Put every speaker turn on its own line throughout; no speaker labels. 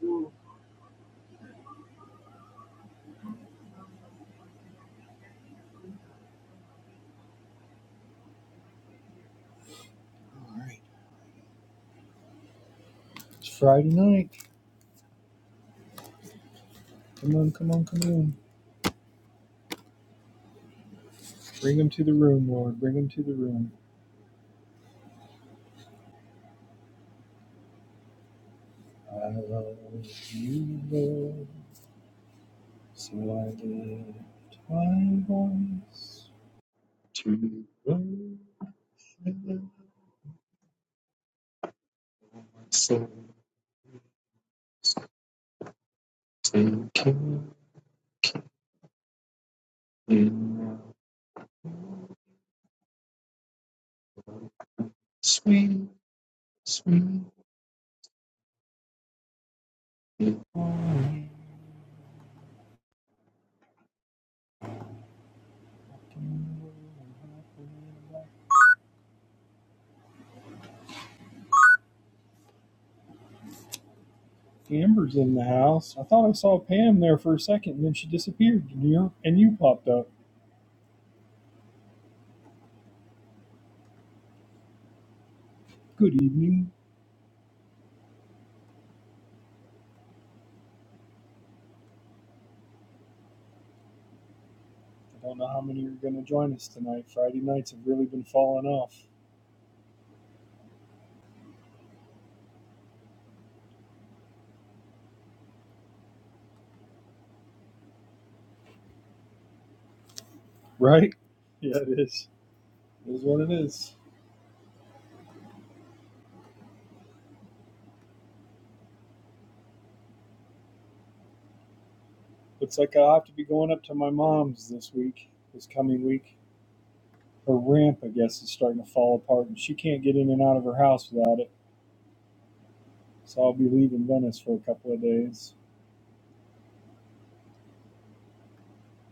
It's Friday night. Come on, come on, come on. Bring them to the room, Lord. Bring them to the room. I love you, Lord. So I lift my voice to the Satan in sweet, sweet home. Amber's in the house. I thought I saw Pam there for a second, and then she disappeared, and you and you popped up. Good evening. I don't know how many are going to join us tonight. Friday nights have really been falling off. Right? Yeah, it is. It is what it is. Looks like I'll have to be going up to my mom's this week, this coming week. Her ramp, I guess, is starting to fall apart, and she can't get in and out of her house without it. So I'll be leaving Venice for a couple of days.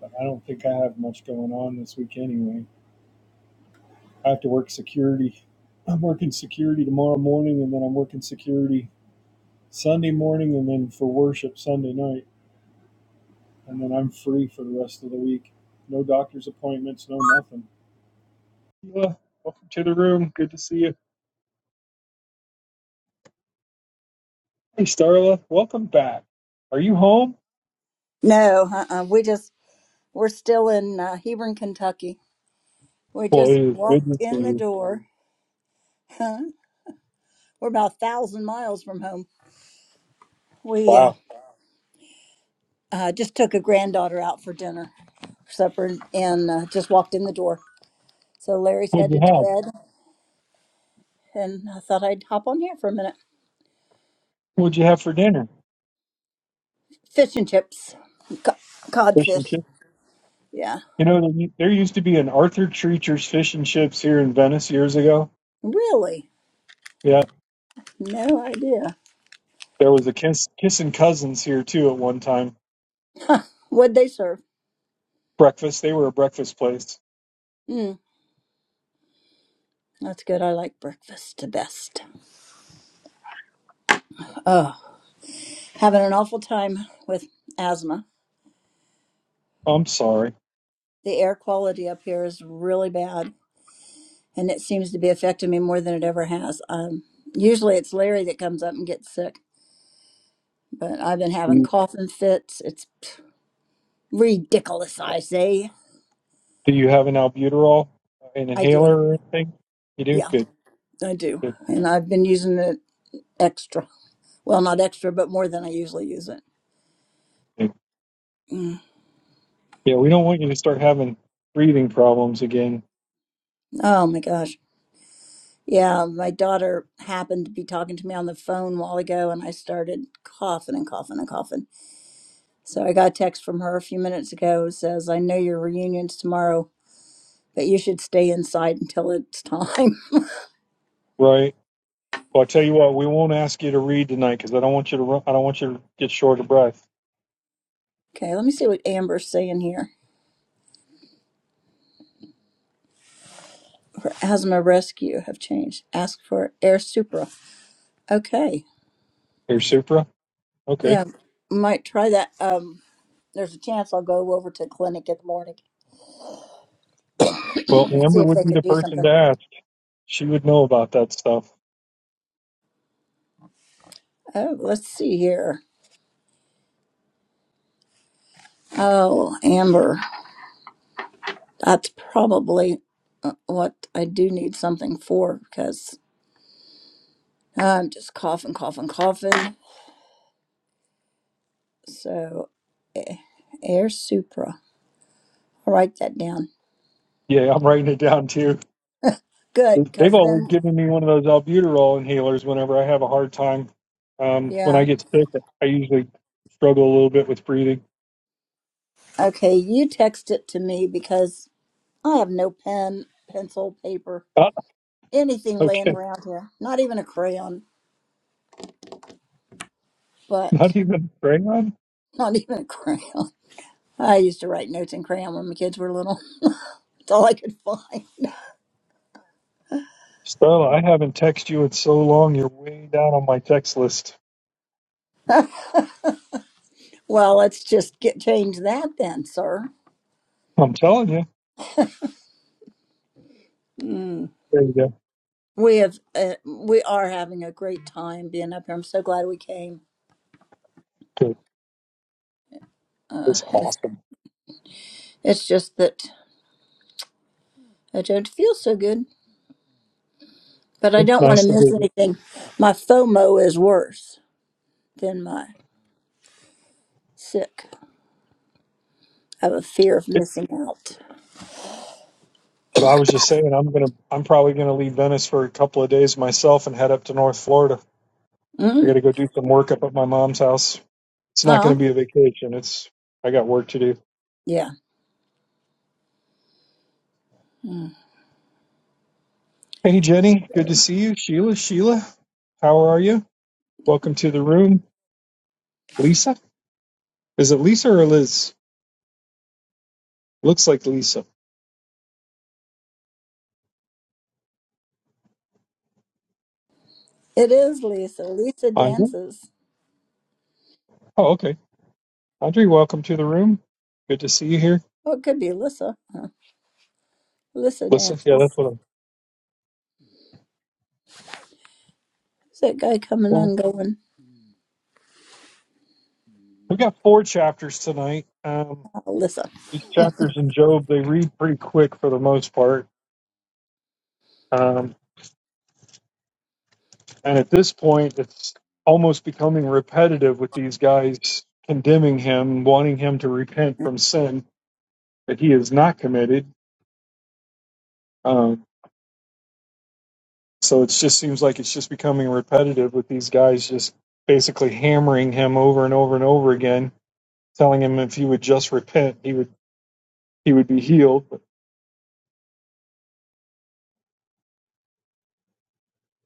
But I don't think I have much going on this week anyway. I have to work security. I'm working security tomorrow morning, and then I'm working security Sunday morning, and then for worship Sunday night. And then I'm free for the rest of the week. No doctor's appointments, no nothing. Starla, welcome to the room. Good to see you. Hey, Starla, welcome back. Are you home?
No, uh-uh. we just we're still in uh, Hebron, Kentucky. We
Boy,
just
it is good to
walked
see
in the
you.
door. Huh? we're about a thousand miles from home. We uh,
Wow.
uh, just took a granddaughter out for dinner, supper, and uh, just walked in the door. So Larry's
What'd you
headed to
have?
bed, and I thought I'd hop on here for a minute.
What'd you have for dinner?
Fish and chips, Co-
Fish and
codfish.
chips.
Yeah,
You know, there there used to be an Arthur Treacher's Fish and Chips here in Venice years ago.
really,
Yeah,
no idea.
there was a Kiss Kissin' Cousins here too at one time.
What'd they serve?
Breakfast. They were a breakfast place.
Mm, that's good. I like breakfast the best. having an awful time with asthma.
I'm sorry.
The air quality up here is really bad, and it seems to be affecting me more than it ever has. Um, usually, it's Larry that comes up and gets sick, but I've been
Do
having
you
coughing fits. It's ridiculous, I say.
do you have an albuterol, uh, an
I do.
inhaler, or anything? You do.
Yeah,
Good.
I do.
Good.
And I've been using it extra. Well, not extra, but more than I usually use it.
good.
Mm.
Yeah, we don't want you to start having breathing problems again
Oh my gosh. Yeah, my daughter happened to be talking to me on the phone a while ago, and I started coughing and coughing and coughing So I got a text from her a few minutes ago It says, I know your reunion's tomorrow, but you should stay inside until it's time.
Right. Well, I tell you what, we won't ask you to read tonight because I don't want you to. Run, I don't want you to get short of breath.
okay, let me see what Amber's saying here. For asthma rescue have changed. Ask for air supra. Okay.
Here, Supra. Okay.
Yeah. Might try that. Um there's a chance I'll go over to clinic in the morning
Well,
and see
Amber
if
would
they
be
could
the
do
person
something.
to ask. She would know about that stuff.
Oh, let's see here. Oh, Amber. That's probably uh, what I do need something for because I'm just coughing, coughing, coughing. So Air Supra. I'll write that down.
Yeah, I'm writing it down too.
Good,
They've
because
always
then,
given me one of those albuterol inhalers whenever I have a hard time. Um, when I
yeah.
get sick, I usually struggle a little bit with breathing.
Okay, you text it to me because I have no pen, pencil, paper,
Ah,
anything laying
okay,
around here. Not even a crayon, but
not even Graham.
not even a crayon. I used to write notes in crayon when my kids were little. It's all I could find.
Stella, I haven't texted you in so long. You're way down on my text list.
Well, let's just get change that then, sir.
I'm telling you. There you go.
We have uh, we are having a great time being up here. I'm so glad we came.
Good.
Uh,
It's
it's
awesome.
it's just that I don't feel so good. but I
It's
don't want
nice
to
to
miss
visit.
anything. My FOMO is worse than my sick. I have a fear of
It-
missing out.
I was just saying, I'm gonna, I'm probably gonna leave Venice for a couple of days myself and head up to North Florida. I got
Mm.
to go do some work up at my mom's house. It's not gonna
Oh,
be a vacation. It's I got work to do.
yeah. Mm.
Hey Jenny, good to see you. Sheila, Sheila, how are you? Welcome to the room. Lisa, is it Lisa or Liz? Looks like Lisa.
It is Lisa. Lisa
Andre.
dances.
Oh, okay. Andre, welcome to the room. Good to see you here.
Oh, it could be Alyssa. Huh. Alyssa
Listen, yeah, that's
dances.
what I'm.
Is that guy coming
Well,
and going?
we got four chapters tonight. Um,
Oh, Alyssa.
these chapters in Job, they read pretty quick for the most part. Um, and at this point, it's almost becoming repetitive with these guys condemning him, wanting him to repent from sin that he has not committed. Um, so it just seems like it's just becoming repetitive with these guys just basically hammering him over and over and over again, telling him if he would just repent, he would he would be healed.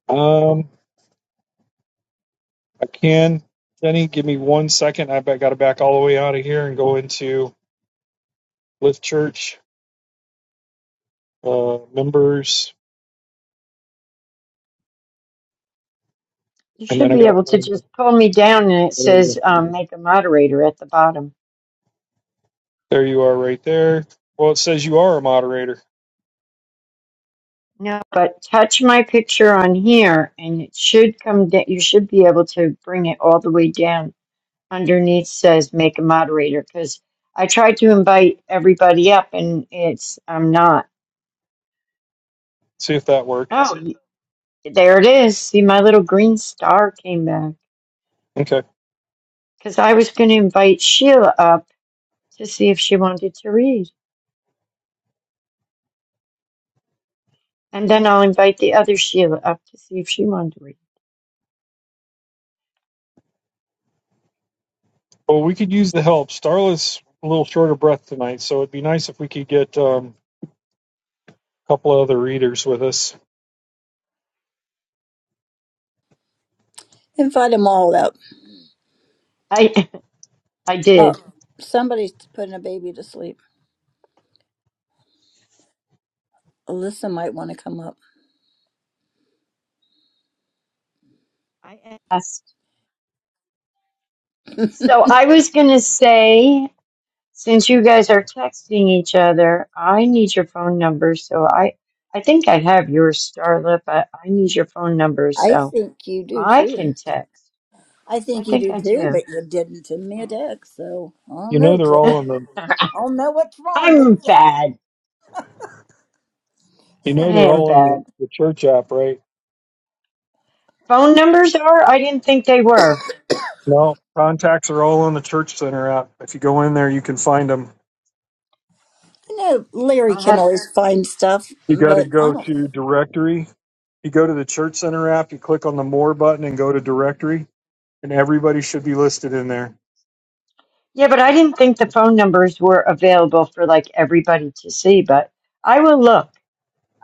Um, I can, Jenny, give me one second. I got to back all the way out of here and go into Lift Church uh, members,
You
and then
should
I got
be
to
able to
find it.
just pull me down and it
There you
says
go.
um, make a moderator at the bottom.
There you are, right there. Well, it says you are a moderator.
No, but touch my picture on here and it should come down. You should be able to bring it all the way down. Underneath says make a moderator because I tried to invite everybody up and it's, I'm not.
See if that worked.
Oh, y- there it is. See, my little green star came back
Okay.
because I was going to invite Sheila up to see if she wanted to read. And then I'll invite the other Sheila up to see if she wanted to read.
Well, we could use the help. Starla's a little short of breath tonight, so it'd be nice if we could get um, a couple of other readers with us.
Invite them all up.
I I
Oh,
did.
somebody's putting a baby to sleep. Alyssa might want to come up.
I asked. So I was going to say, since you guys are texting each other, I need your phone number. So I, I think I have yours, Starla, but I need your phone number
I
so
think you do
I
too.
can text.
I
I
think you
think
do
I
too,
do.
but you didn't send me a text, so I don't
You know
know,
they're
Jenny.
all on the.
I don't know what's wrong with
I'm
you.
bad.
You know
I
they're
am
all on the,
bad.
the church app, right?
Phone numbers are? I didn't think they were.
No, contacts are all on the church center app. If you go in there, you can find them.
I know Larry
I'll
can
have,
always find stuff,
You got to
but I
go
don't.
to directory. You go to the church center app. You click on the more button and go to directory and everybody should be listed in there.
yeah, but I didn't think the phone numbers were available for like everybody to see, but I will look.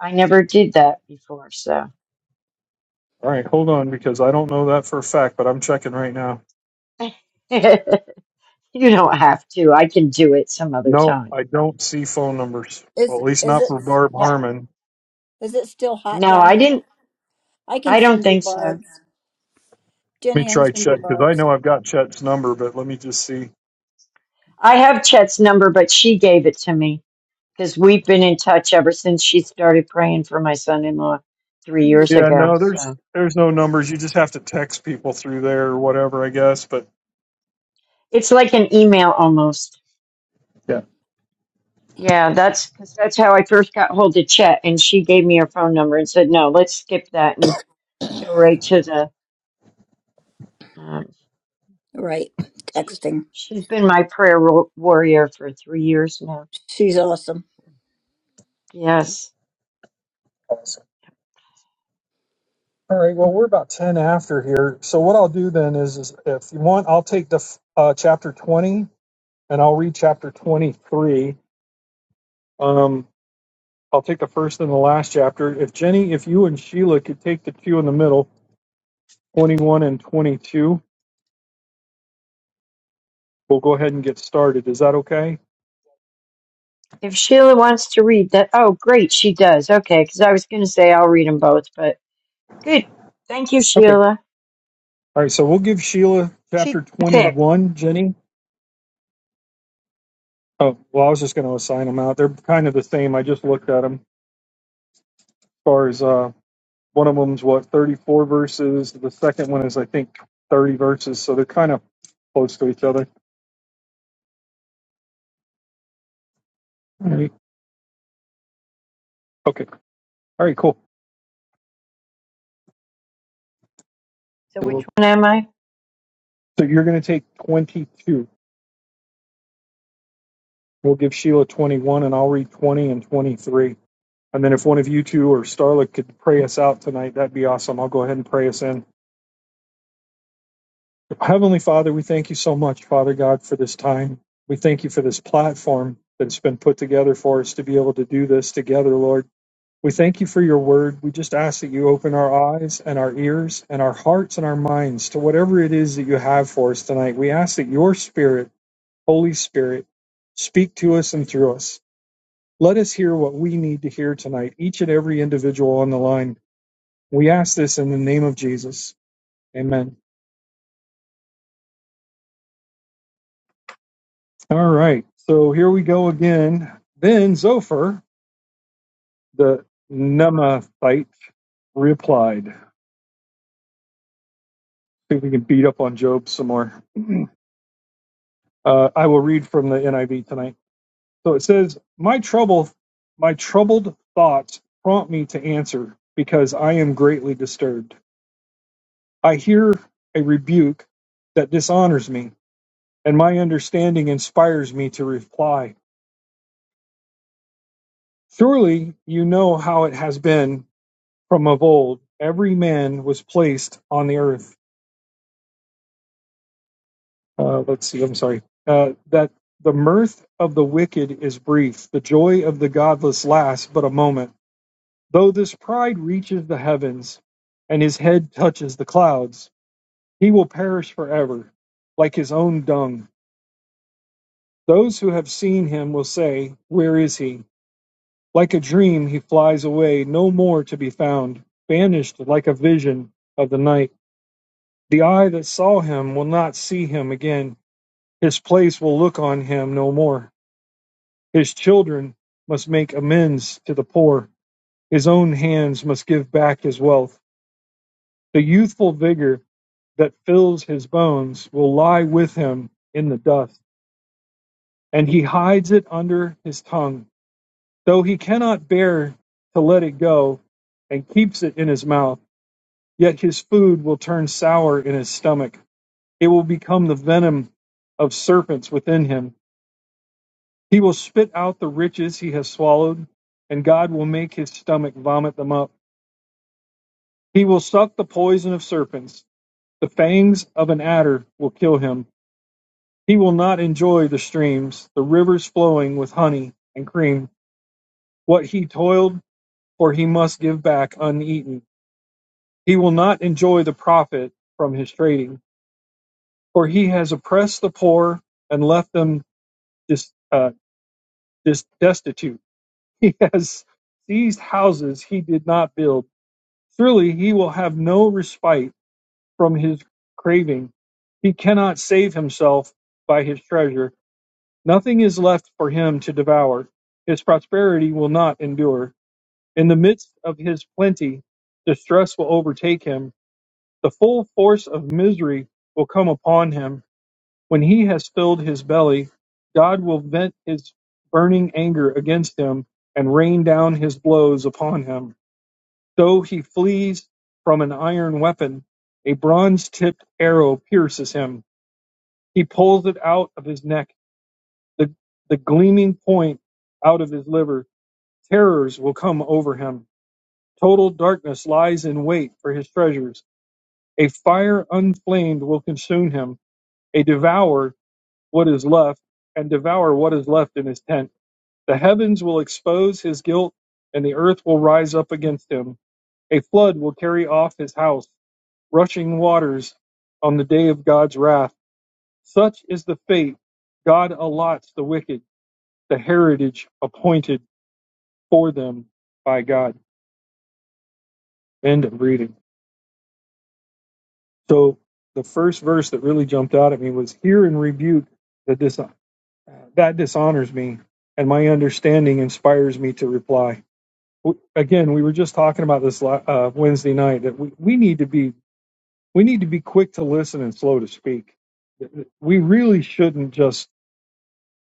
I never did that before, so.
All right, hold on because I don't know that for a fact, but I'm checking right now.
you don't have to. I can do it some other
No,
time.
I don't see phone numbers. Well,
Is
at least
is
not
it
for Barb
Yeah.
Harmon.
is it still hot
No,
down
I
there?
didn't.
I can
I don't
send you
think so.
barbs.
Let me
Jenny, I can
try
send you
Chet because I
barbs.
know I've got Chet's number, but let me just see.
I have Chet's number, but she gave it to me because we've been in touch ever since she started praying for my son in law three
Mm-hmm.
years
Yeah,
ago.
no, there's
So
there's no numbers. You just have to text people through there or whatever, I guess. But
it's like an email almost.
yeah,
Yeah, that's because that's how I first got hold of Chet, and she gave me her phone number and said, "No, let's skip that and go right to the." Um,
Right,
she's
texting.
she's been my prayer wa- warrior for three years now.
She's awesome.
Yes.
awesome. All right. Well, we're about ten after here. So what I'll do then is, is if you want, I'll take the f- uh, chapter twenty and I'll read chapter twenty three. I'll take the first and the last chapter. If Jenny, if you and Sheila could take the two in the middle, 21 and 22, we'll go ahead and get started. Is that okay?
If Sheila wants to read that, oh, great, she does. Okay, because I was going to say I'll read them both, but good. Thank you,
Okay.
Sheila.
All right. So we'll give Sheila
She
chapter
can pick.
21, Jenny. Oh, well, I was just going to assign them out. They're kind of the same. I just looked at them as far as uh, one of them's what, 34 verses. The second one is, I think, 30 verses. So they're kind of close to each other. All right. Okay. All right. Cool.
So
So,
which
we'll-
one am I?
so you're going to take 22. We'll give Sheila 21 and I'll read 20 and 23. And then if one of you two or Starla could pray us out tonight, that'd be awesome. I'll go ahead and pray us in. Heavenly Father, we thank you so much, Father God, for this time. We thank you for this platform that's been put together for us to be able to do this together, Lord. We thank you for your word. We just ask that you open our eyes and our ears and our hearts and our minds to whatever it is that you have for us tonight. We ask that your spirit, Holy Spirit, speak to us and through us. Let us hear what we need to hear tonight, each and every individual on the line. We ask this in the name of Jesus. Amen. All right. So here we go again. Then Zophar, the Nemathite, replied. I think we can beat up on Job some more. Uh, I will read from the NIV tonight. So it says, My trouble, my troubled thoughts prompt me to answer because I am greatly disturbed. I hear a rebuke that dishonors me and my understanding inspires me to reply. Surely you know how it has been from of old. Every man was placed on the earth. Uh, let's see, I'm sorry. Uh, that the mirth of the wicked is brief, the joy of the godless lasts but a moment. Though this pride reaches the heavens and his head touches the clouds, he will perish forever, like his own dung. Those who have seen him will say, Where is he? Like a dream, he flies away, no more to be found, vanished like a vision of the night. The eye that saw him will not see him again. His place will look on him no more. His children must make amends to the poor. His own hands must give back his wealth. The youthful vigor that fills his bones will lie with him in the dust, and he hides it under his tongue. Though he cannot bear to let it go and keeps it in his mouth, Yet his food will turn sour in his stomach. It will become the venom of serpents within him. He will spit out the riches he has swallowed, and God will make his stomach vomit them up. He will suck the poison of serpents. The fangs of an adder will kill him. He will not enjoy the streams, the rivers flowing with honey and cream. What he toiled for, he must give back uneaten. He will not enjoy the profit from his trading. For he has oppressed the poor and left them dis, uh, dis, destitute. He has seized houses he did not build. Surely he will have no respite from his craving. He cannot save himself by his treasure. Nothing is left for him to devour. His prosperity will not endure. In the midst of his plenty, distress will overtake him. The full force of misery will come upon him When he has filled his belly, God will vent his burning anger against him and rain down his blows upon him. So he flees from an iron weapon. A bronze tipped arrow pierces him. He pulls it out of his neck, the, the gleaming point out of his liver. Terrors will come over him. Total darkness lies in wait for his treasures. A fire unflamed will consume him. A devourer what is left and devour what is left in his tent. The heavens will expose his guilt, and the earth will rise up against him. A flood will carry off his house, rushing waters on the day of God's wrath. Such is the fate God allots the wicked, the heritage appointed for them by God. End of reading. So the first verse that really jumped out at me was hear and rebuke that dis- that dishonors me, and my understanding inspires me to reply w- again, we were just talking about this la- uh, Wednesday night that we, we need to be we need to be quick to listen and slow to speak. We really shouldn't just,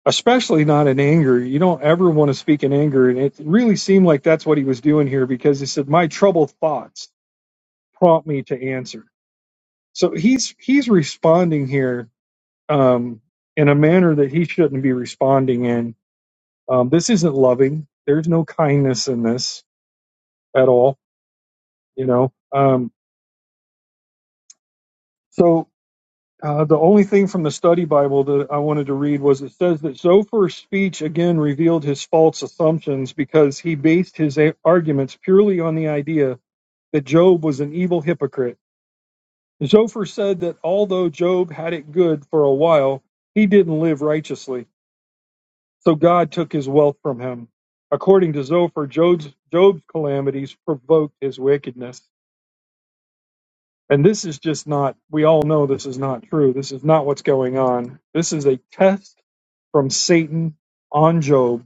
especially not in anger. You don't ever want to speak in anger, and it really seemed like that's what he was doing here because he said, "My troubled thoughts prompt me to answer." So he's he's responding here um, in a manner that he shouldn't be responding in. Um, this isn't loving. There's no kindness in this at all. You know. Um, so Uh, the only thing from the study Bible that I wanted to read was it says that Zophar's speech again revealed his false assumptions because he based his a- arguments purely on the idea that Job was an evil hypocrite. Zophar said that although Job had it good for a while, he didn't live righteously, so God took his wealth from him. According to Zophar, Job's, Job's calamities provoked his wickedness. And this is just not, we all know this is not true. This is not what's going on. This is a test from Satan on Job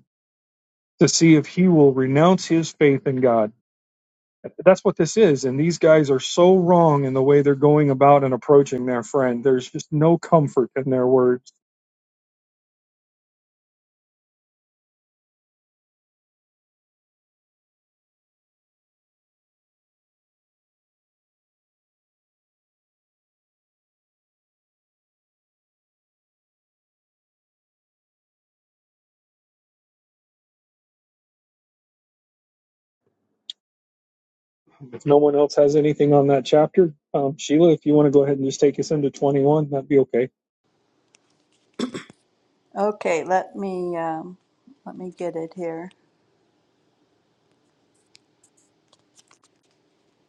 to see if he will renounce his faith in God. That's what this is. And these guys are so wrong in the way they're going about and approaching their friend. There's just no comfort in their words. If no one else has anything on that chapter, um, Sheila, if you want to go ahead and just take us into 21, that'd be okay.
Okay, let me um, let me get it here.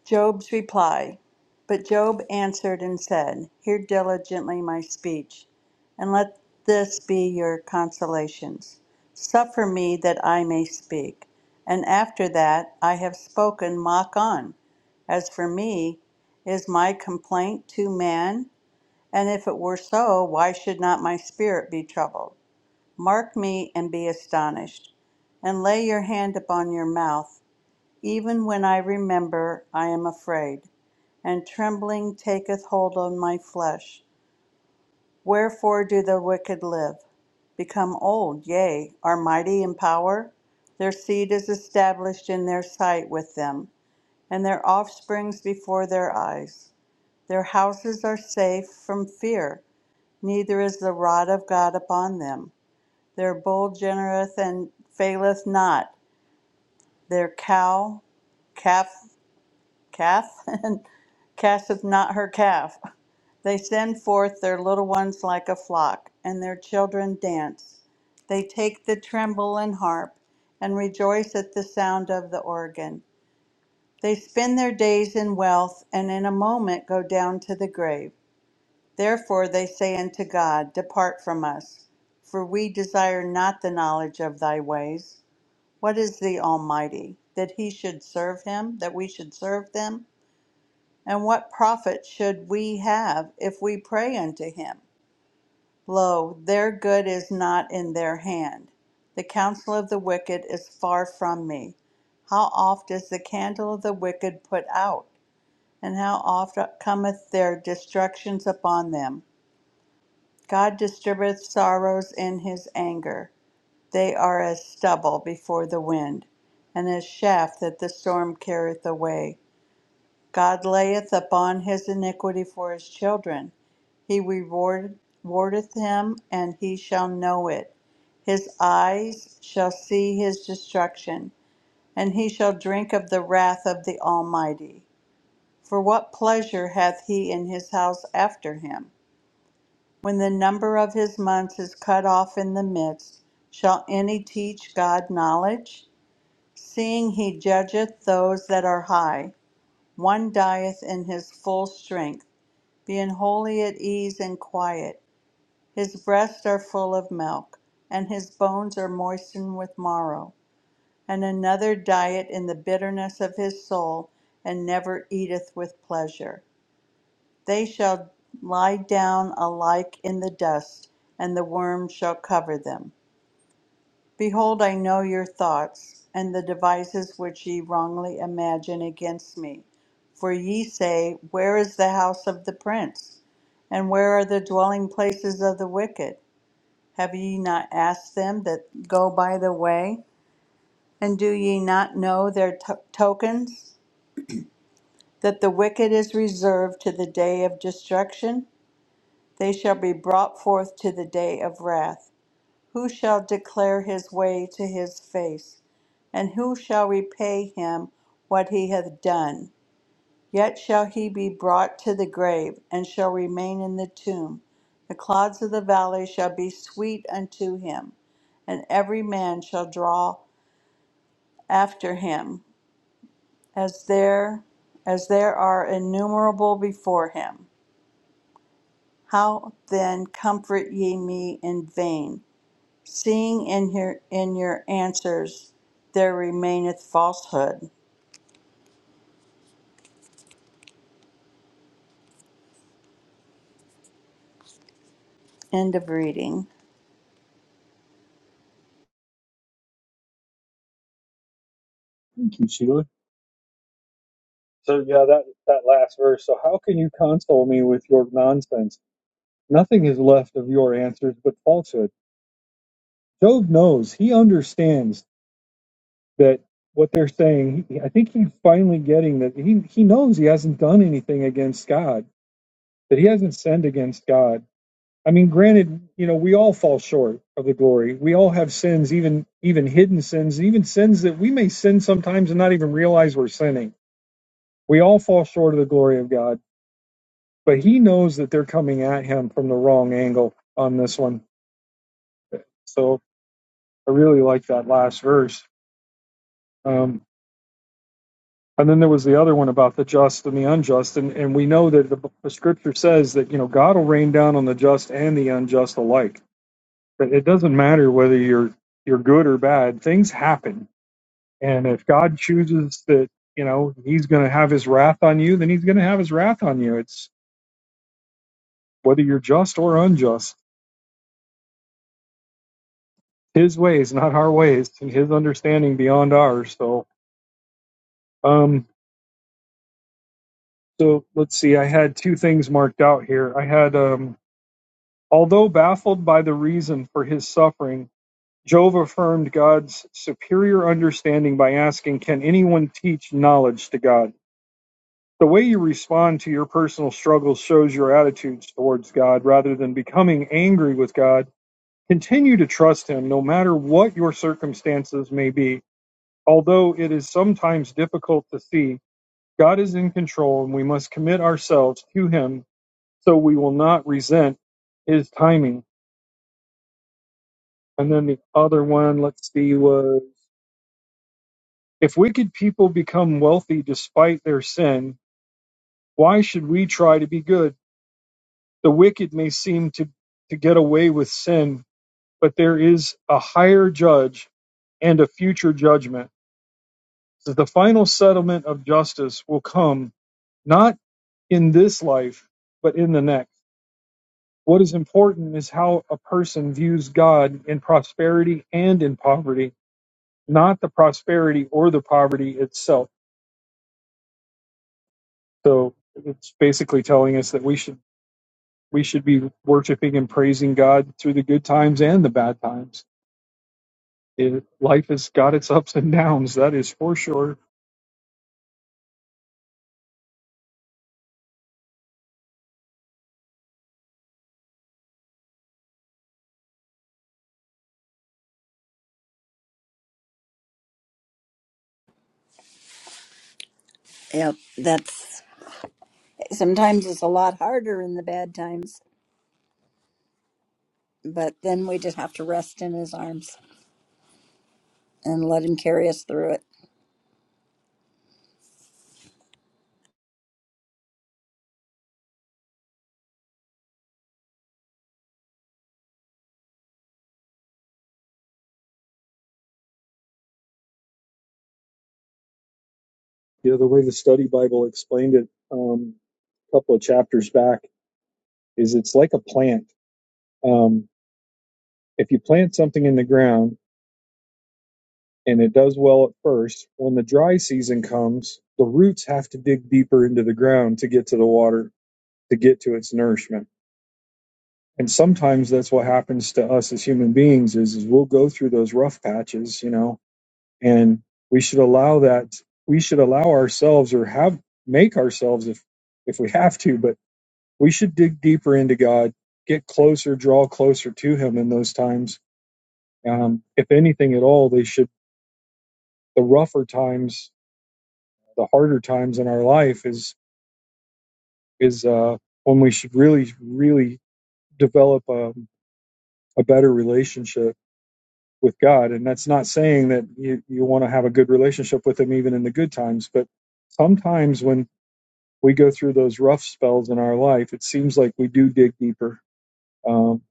Job's reply. But Job answered and said, Hear diligently my speech, and let this be your consolations. Suffer me that I may speak, and after that I have spoken, mock on. As for me, is my complaint to man? And if it were so, why should not my spirit be troubled? Mark me and be astonished, and lay your hand upon your mouth. Even when I remember, I am afraid, and trembling taketh hold on my flesh. Wherefore do the wicked live? Become old, yea, are mighty in power? Their seed is established in their sight with them, and their offsprings before their eyes. Their houses are safe from fear, neither is the rod of God upon them. Their bowl genereth and faileth not. Their cow, calf, calf, and casteth not her calf. They send forth their little ones like a flock, and their children dance. They take the tremble and harp, and rejoice at the sound of the organ. They spend their days in wealth, and in a moment go down to the grave. Therefore they say unto God, Depart from us, for we desire not the knowledge of thy ways. What is the Almighty? That he should serve him? That we should serve them? And what profit should we have if we pray unto him? Lo, their good is not in their hand. The counsel of the wicked is far from me. How oft is the candle of the wicked put out? And how oft cometh their destructions upon them? God distribueth sorrows in his anger. They are as stubble before the wind, and as chaff that the storm carrieth away. God layeth upon his iniquity for his children. He reward, rewardeth him, and he shall know it. His eyes shall see his destruction, and he shall drink of the wrath of the Almighty. For what pleasure hath he in his house after him? When the number of his months is cut off in the midst, shall any teach God knowledge? Seeing he judgeth those that are high, one dieth in his full strength, being wholly at ease and quiet. His breasts are full of milk, and his bones are moistened with marrow. And another dieth in the bitterness of his soul, and never eateth with pleasure. They shall lie down alike in the dust, and the worm shall cover them. Behold, I know your thoughts, and the devices which ye wrongly imagine against me. For ye say, Where is the house of the prince? And where are the dwelling places of the wicked? Have ye not asked them that go by the way? And do ye not know their to- tokens? That the wicked is reserved to the day of destruction? They shall be brought forth to the day of wrath. Who shall declare his way to his face? And who shall repay him what he hath done? Yet shall he be brought to the grave, and shall remain in the tomb. The clods of the valley shall be sweet unto him, and every man shall draw after him, as there as there are innumerable before him. How then comfort ye me in vain? Seeing in your in your answers there remaineth falsehood. End of reading.
Thank you, Sheila. So yeah, that that last verse. So how can you console me with your nonsense? Nothing is left of your answers but falsehood. Job knows, he understands that what they're saying, he- I think he's finally getting that he, he knows he hasn't done anything against God, that he hasn't sinned against God. I mean, granted, you know, we all fall short of the glory. We all have sins, even even hidden sins, even sins that we may sin sometimes and not even realize we're sinning. We all fall short of the glory of God, but he knows that they're coming at him from the wrong angle on this one. So I really like that last verse. Um, and then there was the other one about the just and the unjust, and, and we know that the, the scripture says that you know God will rain down on the just and the unjust alike. That it doesn't matter whether you're you're good or bad; things happen, and if God chooses that you know He's going to have His wrath on you, then He's going to have His wrath on you. It's whether you're just or unjust. His ways, not our ways, and His understanding beyond ours. So. Um, So let's see, I had two things marked out here. I had, um, although baffled by the reason for his suffering, Job affirmed God's superior understanding by asking, Can anyone teach knowledge to God? The way you respond to your personal struggles shows your attitudes towards God rather than becoming angry with God. Continue to trust Him no matter what your circumstances may be. Although it is sometimes difficult to see, God is in control and we must commit ourselves to Him So we will not resent his timing. And then the other one, let's see, was if wicked people become wealthy despite their sin, why should we try to be good? The wicked may seem to, to get away with sin, but there is a higher judge and a future judgment. So the final settlement of justice will come not in this life, but in the next. What is important is how a person views God in prosperity and in poverty not the prosperity or the poverty itself. So it's basically telling us that we should we should be worshiping and praising God through the good times and the bad times. It, life has got its ups and downs. That is for sure.
Yeah, that's sometimes it's a lot harder in the bad times, but then we just have to rest in his arms and let him carry us through it.
You know, the way the study Bible explained it um, a couple of chapters back is it's like a plant. Um, if you plant something in the ground and it does well at first, when the dry season comes, the roots have to dig deeper into the ground to get to the water to get to its nourishment and sometimes that's what happens to us as human beings is, is we'll go through those rough patches you know and we should allow that we should allow ourselves or have make ourselves if if we have to but we should dig deeper into god get closer draw closer to him in those times um, if anything at all they should the rougher times the harder times in our life is is uh, when we should really really develop a, a better relationship with God. And that's not saying that you, you want to have a good relationship with Him even in the good times, but sometimes when we go through those rough spells in our life, it seems like we do dig deeper. Um,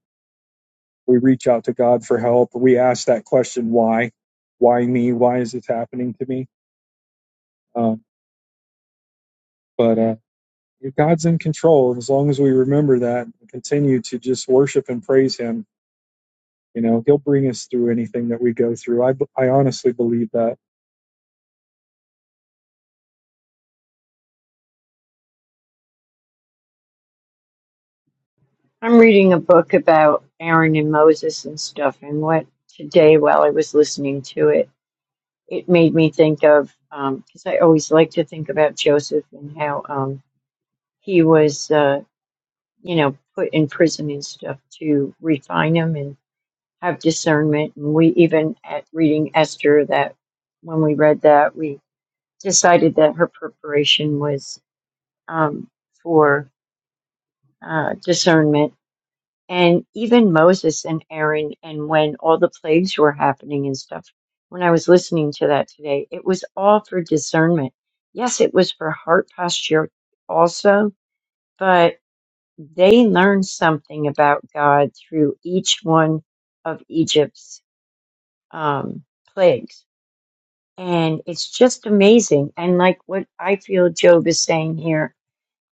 we reach out to God for help. We ask that question, why? Why me? Why is this happening to me? Um, but uh, yeah, God's in control. And as long as we remember that and continue to just worship and praise Him, you know, He'll bring us through anything that we go through. I, I honestly believe that.
I'm reading a book about Aaron and Moses and stuff, and what today while I was listening to it, it made me think of um, because I always like to think about Joseph and how um, he was, uh, you know, put in prison and stuff to refine him and. have discernment. And we even at reading Esther that when we read that, we decided that her preparation was um, for uh, discernment. And even Moses and Aaron, and when all the plagues were happening and stuff, when I was listening to that today, it was all for discernment. Yes, it was for heart posture also, but they learned something about God through each one of Egypt's um, plagues and it's just amazing and like what i feel job is saying here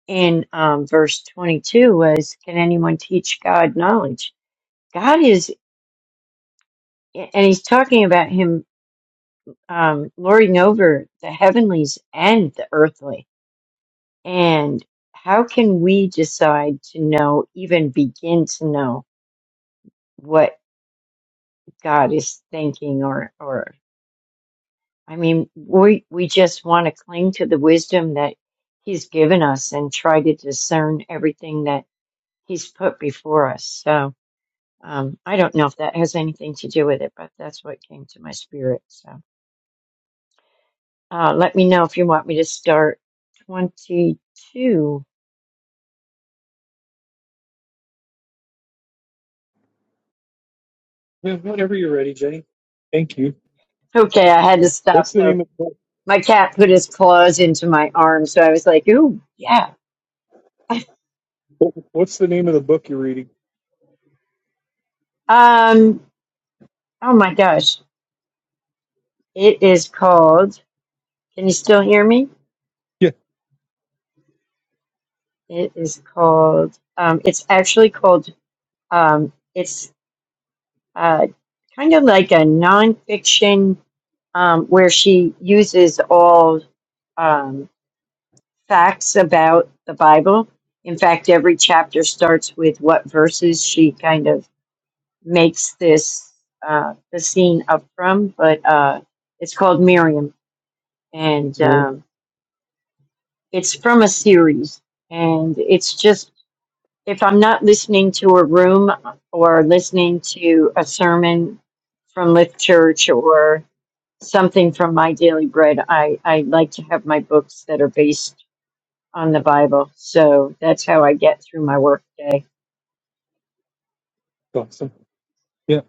in um, verse 22 was can anyone teach god knowledge god is and he's talking about him um, lording over the heavenlies and the earthly and how can we decide to know even begin to know what god is thinking or or I mean, we, we just want to cling to the wisdom that He's given us and try to discern everything that He's put before us. So um, I don't know if that has anything to do with it, but that's what came to my spirit. So uh, let me know if you want me to start 22.
Yeah, whenever you're ready, Jenny. Thank you.
Okay, I had to stop
What's the
though.
name of the
My cat put his claws into my arm, so I was like, ooh, yeah.
book? What's the name of the book you're reading?
Um, oh my gosh. It is called, can you still hear me?
Yeah,
It is called, um, it's actually called, um, it's uh, kind of like a nonfiction um, where she uses all um, facts about the Bible. In fact, every chapter starts with what verses she kind of makes this uh, the scene up from. But uh, it's called Miriam, and
Mary
um, it's from a series, and it's just if I'm not listening to a room or listening to a sermon from Lift Church or something from my daily bread, I, I like to have my books that are based on the Bible. So that's how I get through my workday.
Dawson. Yeah,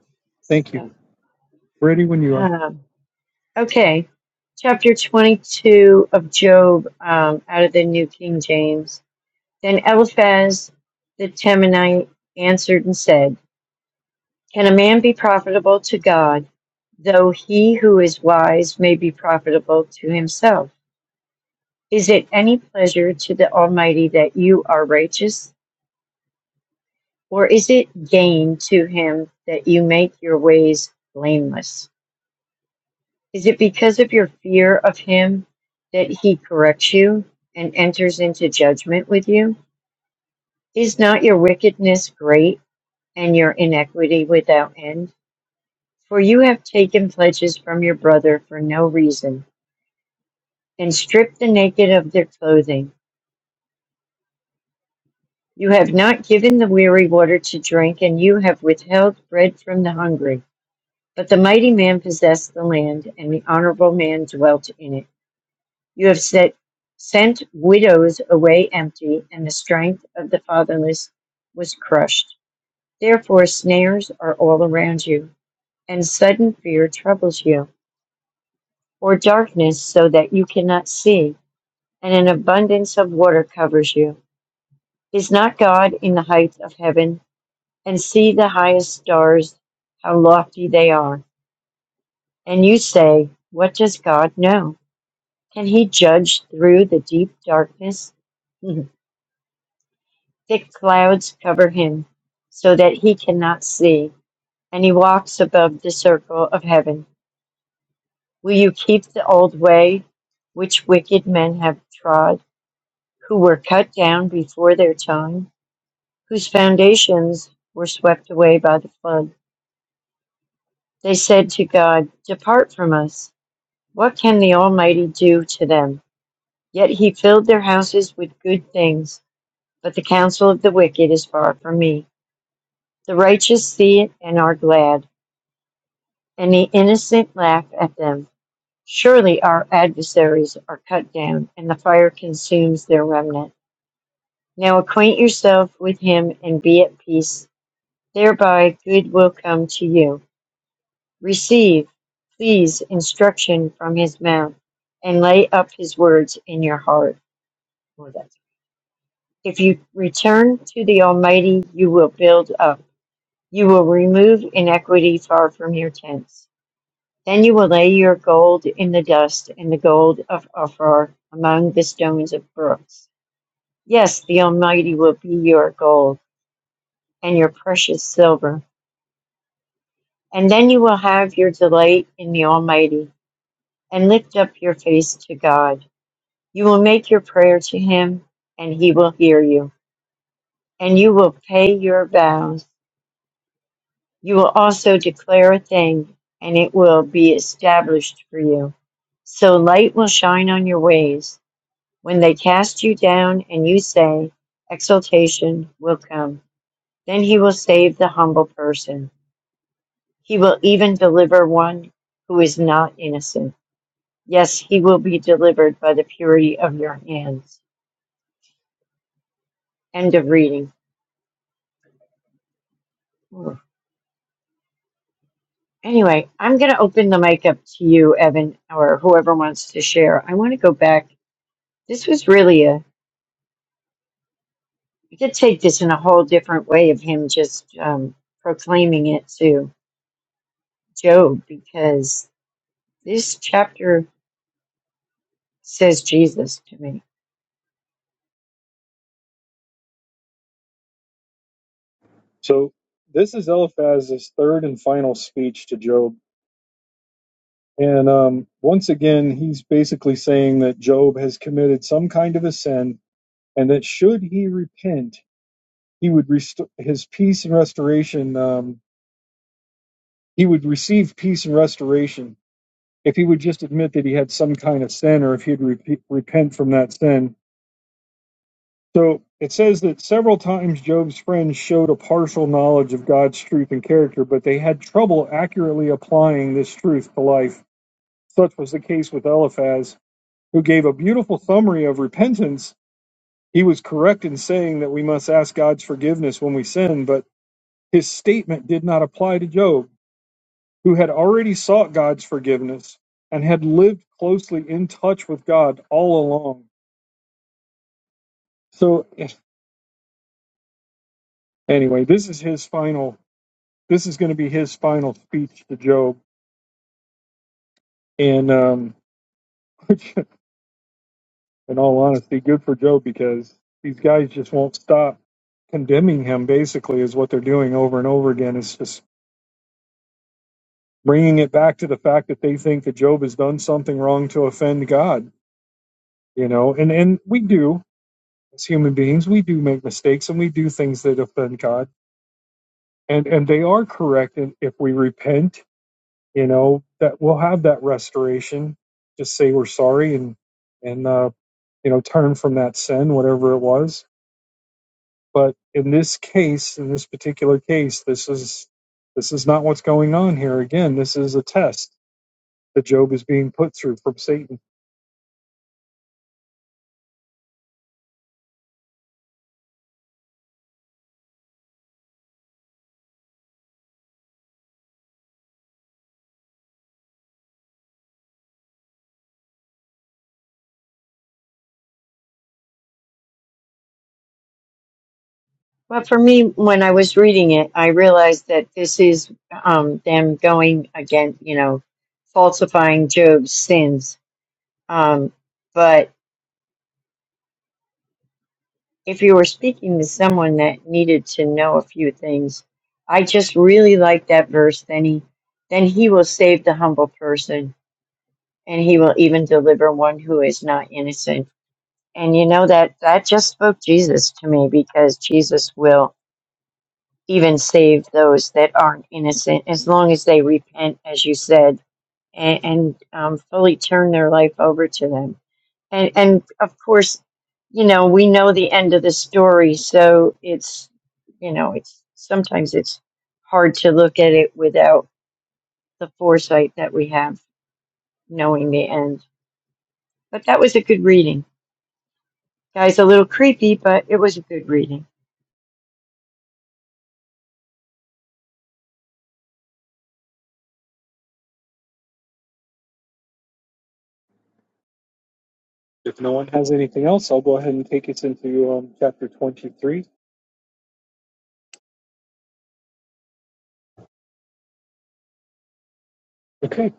thank you.
So,
Ready when you are.
um, okay, chapter 22 of Job um, out of the New King James. Then Eliphaz the Temanite answered and said, Can a man be profitable to God, though he who is wise may be profitable to himself? Is it any pleasure to the Almighty that you are righteous, or is it gain to him that you make your ways blameless? Is it because of your fear of him that he corrects you and enters into judgment with you? Is not your wickedness great and your iniquity without end? For you have taken pledges from your brother for no reason and strip the naked of their clothing. You have not given the weary water to drink, and you have withheld bread from the hungry. But the mighty man possessed the land, and the honorable man dwelt in it. You have set, sent widows away empty, and the strength of the fatherless was crushed. Therefore, snares are all around you, and sudden fear troubles you, or darkness so that you cannot see, and an abundance of water covers you Is not God in the heights of heaven, and see the highest stars, how lofty they are? And you say, What does God know? Can he judge through the deep darkness? Thick clouds cover him, so that he cannot see, and he walks above the circle of heaven. Will you keep the old way which wicked men have trod, who were cut down before their time, whose foundations were swept away by the flood? They said to God, Depart from us. What can the Almighty do to them? Yet he filled their houses with good things, but the counsel of the wicked is far from me. The righteous see it and are glad, and the innocent laugh at them. Surely our adversaries are cut down, and the fire consumes their remnant. Now acquaint yourself with him and be at peace. Thereby good will come to you. Receive, please, instruction from his mouth, and lay up his words in your heart. Well, that's- If you return to the Almighty, you will build up. You will remove inequity far from your tents. Then you will lay your gold in the dust and the gold of Ophir among the stones of brooks. Yes, the Almighty will be your gold and your precious silver. And then you will have your delight in the Almighty and lift up your face to God. You will make your prayer to him, and he will hear you, and you will pay your vows. You will also declare a thing, and it will be established for you. So light will shine on your ways. When they cast you down and you say, Exaltation will come. Then he will save the humble person. He will even deliver one who is not innocent. Yes, he will be delivered by the purity of your hands. End of reading. Anyway, I'm going to open the mic up to you, Evan, or whoever wants to share. I want to go back. This was really a, you could take this in a whole different way of him just um, proclaiming it to Job because this chapter says Jesus to me.
So this is Eliphaz's third and final speech to Job, and um, once again he's basically saying that Job has committed some kind of a sin, and that should he repent, he would restore his peace and restoration. Um, he would receive peace and restoration if he would just admit that he had some kind of sin, or if he'd re- repent from that sin So it says that several times Job's friends showed a partial knowledge of God's truth and character, but they had trouble accurately applying this truth to life. Such was the case with Eliphaz, who gave a beautiful summary of repentance. He was correct in saying that we must ask God's forgiveness when we sin, but his statement did not apply to Job, who had already sought God's forgiveness and had lived closely in touch with God all along. So, anyway, this is his final. this is going to be his final speech to Job, and um, which, in all honesty, good for Job because these guys just won't stop condemning him. Basically, is what they're doing over and over again. It's just bringing it back to the fact that they think that Job has done something wrong to offend God. You know, and and we do as human beings, we do make mistakes and we do things that offend God, and and they are correct. And if we repent, you know, that we'll have that restoration. Just say we're sorry and and uh, you know, turn from that sin, whatever it was. But in this case, in this particular case, this is this is not what's going on here. Again, this is a test that Job is being put through from Satan.
Well, for me, when I was reading it, I realized that this is um, them going against, you know, falsifying Job's sins. Um, but if you were speaking to someone that needed to know a few things, I just really like that verse. Then he, then he will save the humble person, and he will even deliver one who is not innocent. And you know that that just spoke Jesus to me because Jesus will even save those that aren't innocent as long as they repent, as you said, and, and um, fully turn their life over to them and and of course you know we know the end of the story so it's you know it's sometimes it's hard to look at it without the foresight that we have knowing the end but that was a good reading guys a little creepy but it was a good reading
If no one has anything else, I'll go ahead and take us into um, chapter 23. Okay.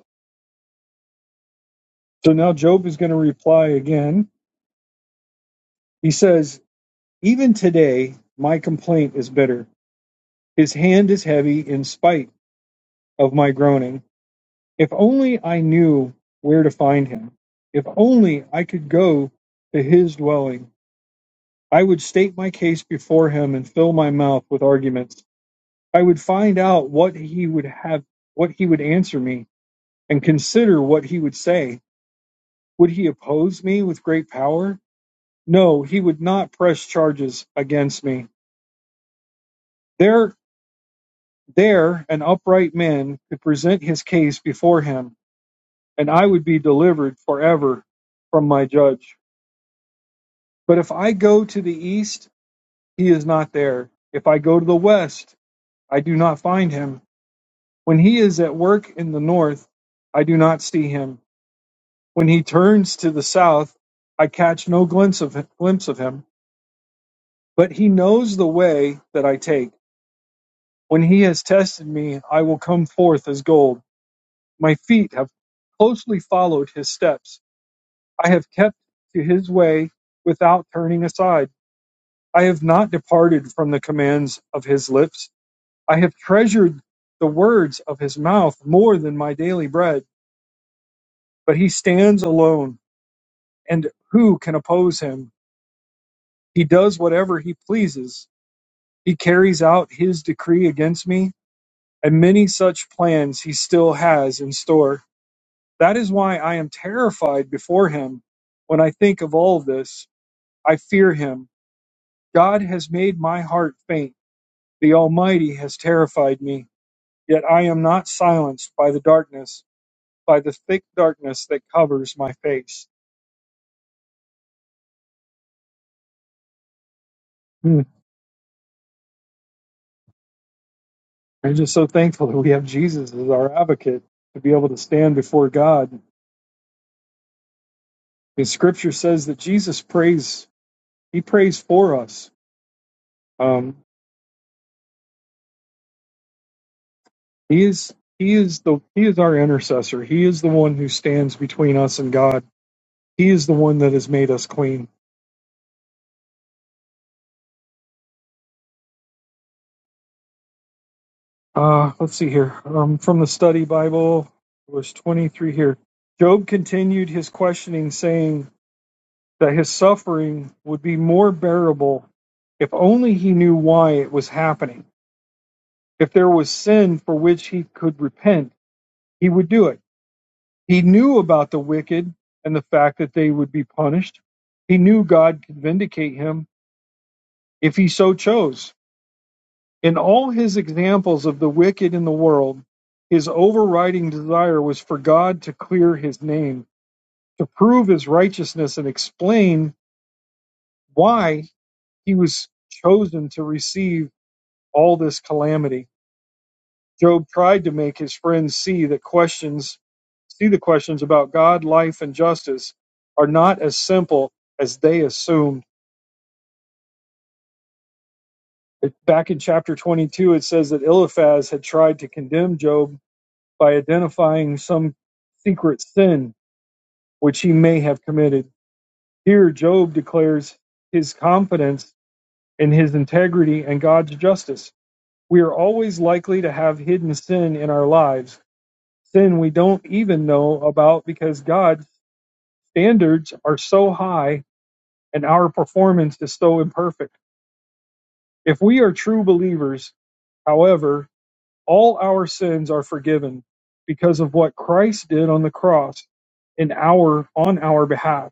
So now Job is going to reply again. He says, Even today, my complaint is bitter. His hand is heavy in spite of my groaning. If only I knew where to find him. If only I could go to his dwelling. I would state my case before him and fill my mouth with arguments. I would find out what he would have, what he would answer me, and consider what he would say. Would he oppose me with great power? No, he would not press charges against me. There, there, an upright man could present his case before him, and I would be delivered forever from my judge. But if I go to the east, he is not there. If I go to the west, I do not find him. When he is at work in the north, I do not see him. When he turns to the south, I catch no glimpse of glimpse of him. But he knows the way that I take. When he has tested me, I will come forth as gold. My feet have closely followed his steps. I have kept to his way without turning aside. I have not departed from the commands of his lips. I have treasured the words of his mouth more than my daily bread. But he stands alone, and who can oppose him? He does whatever he pleases. He carries out his decree against me, and many such plans he still has in store. That is why I am terrified before him. When I think of all this, I fear him. God has made my heart faint. The Almighty has terrified me. Yet I am not silenced by the darkness. by the thick darkness that covers my face. Hmm. I'm just so thankful that we have Jesus as our advocate to be able to stand before God. And Scripture says that Jesus prays; He prays for us. Um, he is He is the He is our intercessor. He is the one who stands between us and God. He is the one that has made us clean. Uh, let's see here um, from the Study Bible, verse 23 here. Job continued his questioning, saying, that his suffering would be more bearable if only he knew why it was happening. If there was sin for which he could repent, he would do it. He knew about the wicked and the fact that they would be punished. He knew God could vindicate him if he so chose. In all his examples of the wicked in the world, his overriding desire was for God to clear his name, to prove his righteousness and explain why he was chosen to receive all this calamity. Job tried to make his friends see that questions see the questions about God, life, and justice are not as simple as they assumed. It- Back in chapter 22, it says that Eliphaz had tried to condemn Job by identifying some secret sin which he may have committed. Here, Job declares his confidence in his integrity and God's justice. We are always likely to have hidden sin in our lives Sin we don't even know about because God's standards are so high and our performance is so imperfect. If we are true believers, however, all our sins are forgiven because of what Christ did on the cross in our on our behalf.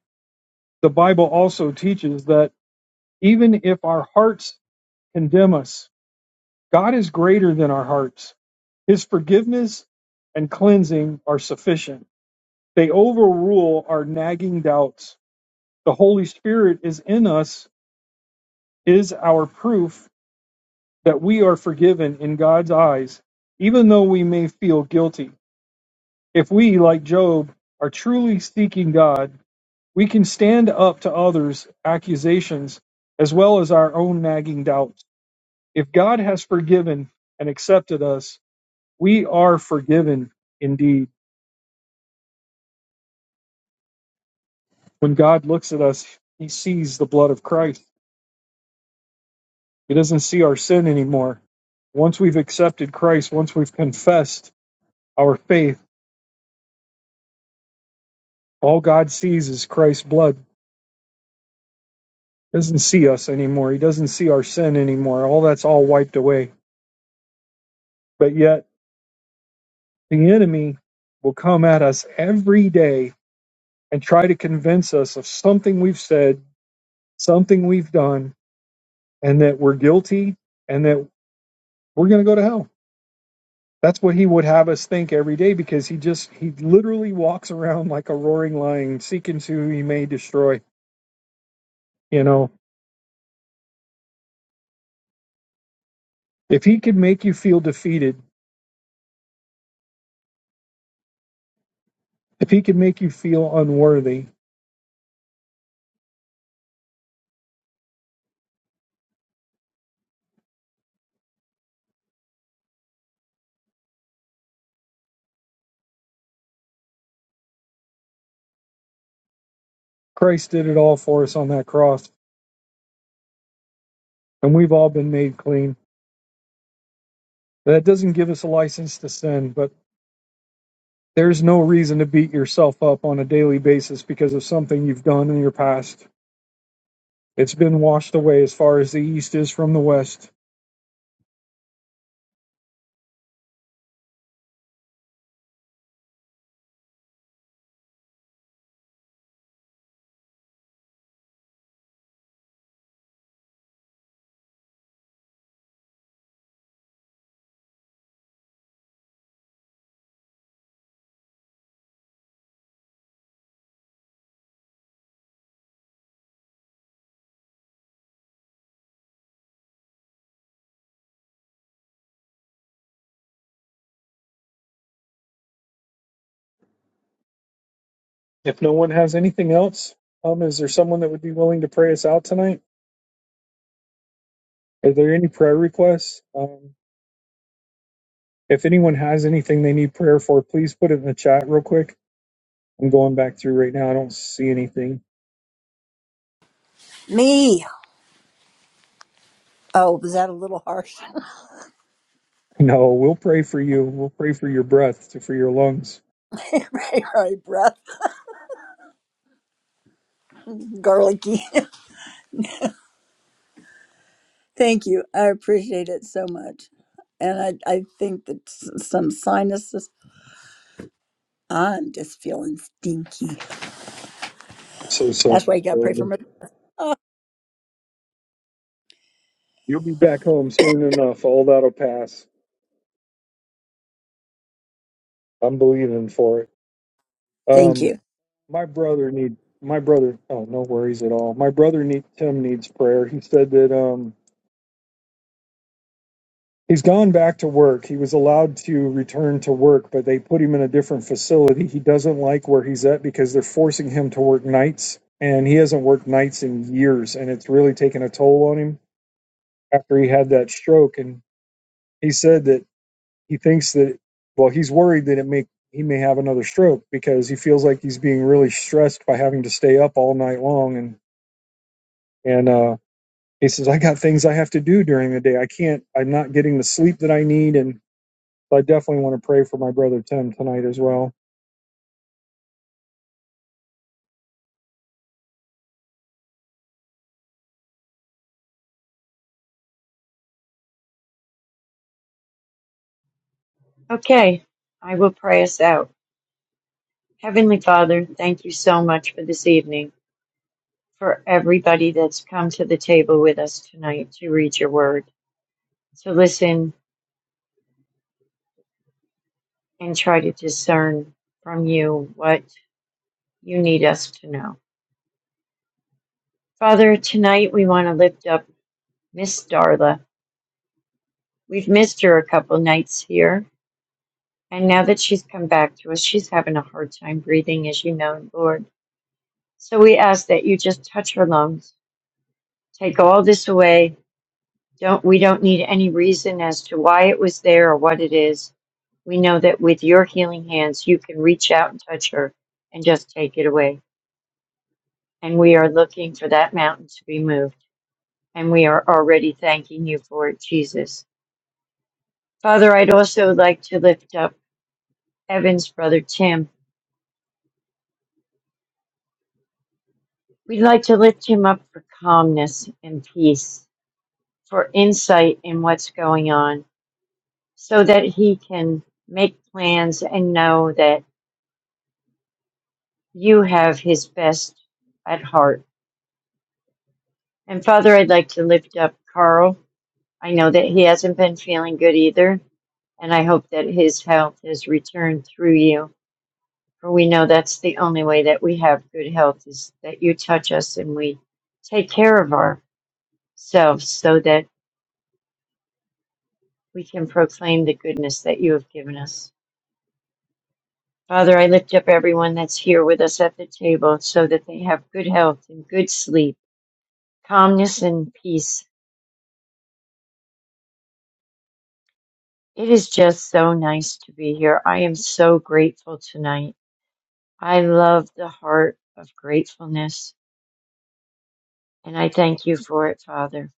The Bible also teaches that even if our hearts condemn us, God is greater than our hearts. His forgiveness and cleansing are sufficient. They overrule our nagging doubts The Holy Spirit is in us, is our proof that we are forgiven in God's eyes, even though we may feel guilty. If we, like Job, are truly seeking God, we can stand up to others' accusations as well as our own nagging doubts. If God has forgiven and accepted us, we are forgiven indeed. When God looks at us, he sees the blood of Christ. He doesn't see our sin anymore. Once we've accepted Christ, once we've confessed our faith, all God sees is Christ's blood. He doesn't see us anymore. He doesn't see our sin anymore. All that's all wiped away. But yet, the enemy will come at us every day and try to convince us of something we've said, something we've done, and that we're guilty and that we're going to go to hell That's what he would have us think every day because he just, he literally walks around like a roaring lion, seeking who he may destroy. You know, if he could make you feel defeated, if he could make you feel unworthy, Christ did it all for us on that cross, and we've all been made clean. That doesn't give us a license to sin, but there's no reason to beat yourself up on a daily basis because of something you've done in your past. It's been washed away as far as the east is from the west If no one has anything else, um, is there someone that would be willing to pray us out tonight? Are there any prayer requests? Um, if anyone has anything they need prayer for, please put it in the chat real quick. I'm going back through right now. I don't see anything.
Me. Oh, was that a little harsh?
No, we'll pray for you. We'll pray for your breath, to, for your lungs.
right, right, breath, garlicky. Thank you. I appreciate it so much. And I, I think that s- some sinuses, I'm just feeling stinky.
So, so
That's why you got to pray for
um,
me. Oh,
you'll be back home soon enough. All that'll pass. I'm believing for it.
thank
Um,
you.
my brother need my brother. Oh, no worries at all. My brother need Tim needs prayer. He said that um He's gone back to work. He was allowed to return to work, but they put him in a different facility. He doesn't like where he's at because they're forcing him to work nights, and he hasn't worked nights in years, and it's really taken a toll on him after he had that stroke. And he said that he thinks that, well, he's worried that it may he may have another stroke because he feels like he's being really stressed by having to stay up all night long and and uh he says i got things i have to do during the day i can't i'm not getting the sleep that i need and So I definitely want to pray for my brother Tim tonight as well.
okay i will pray us out heavenly father thank you so much for this evening for everybody that's come to the table with us tonight to read your word to listen and try to discern from you what you need us to know. Father, tonight we want to lift up Miss Darla. We've missed her a couple nights here, and now that she's come back to us, she's having a hard time breathing, as you know, Lord. So we ask that you just touch her lungs. Take all this away. Don't we don't need any reason as to why it was there or what it is. We know that with your healing hands you can reach out and touch her and just take it away. And we are looking for that mountain to be moved. and we are already thanking you for it, Jesus. Father, I'd also like to lift up Evan's brother Tim. We'd like to lift him up for calmness and peace, for insight in what's going on, so that he can make plans and know that you have his best at heart. And Father, I'd like to lift up Carl. I know that he hasn't been feeling good either, and I hope that his health has returned through you. For we know that's the only way that we have good health is that you touch us and we take care of ourselves so that we can proclaim the goodness that you have given us. Father, I lift up everyone that's here with us at the table so that they have good health and good sleep, calmness and peace. It is just so nice to be here. I am so grateful tonight. I love the heart of gratefulness and I thank you for it, Father.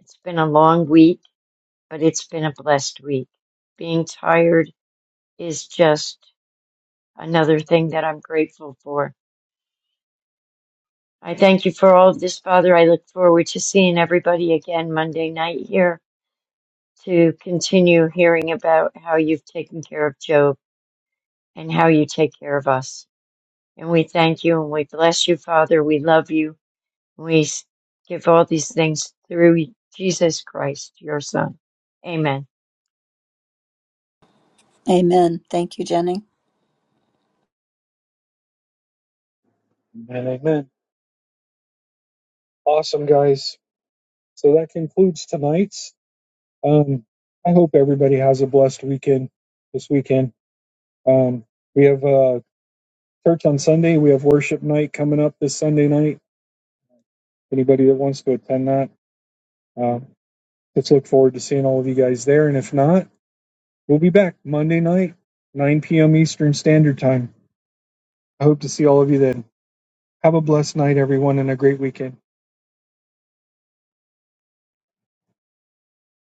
It's been a long week but it's been a blessed week. Being tired is just another thing that I'm grateful for. I thank you for all of this, Father. I look forward to seeing everybody again Monday night here to continue hearing about how you've taken care of Job and how you take care of us. And we thank you and we bless you, Father. We love you. We give all these things through Jesus Christ, your Son. Amen.
Amen. Thank you, Jenny.
Amen. Amen. Awesome, guys. So that concludes tonight's. Um, I hope everybody has a blessed weekend this weekend. Um, we have uh, church on Sunday. We have worship night coming up this Sunday night. Anybody that wants to attend that, um, let's look forward to seeing all of you guys there. And if not, we'll be back Monday night, 9 p.m. Eastern Standard Time. I hope to see all of you then. Have a blessed night, everyone, and a great weekend.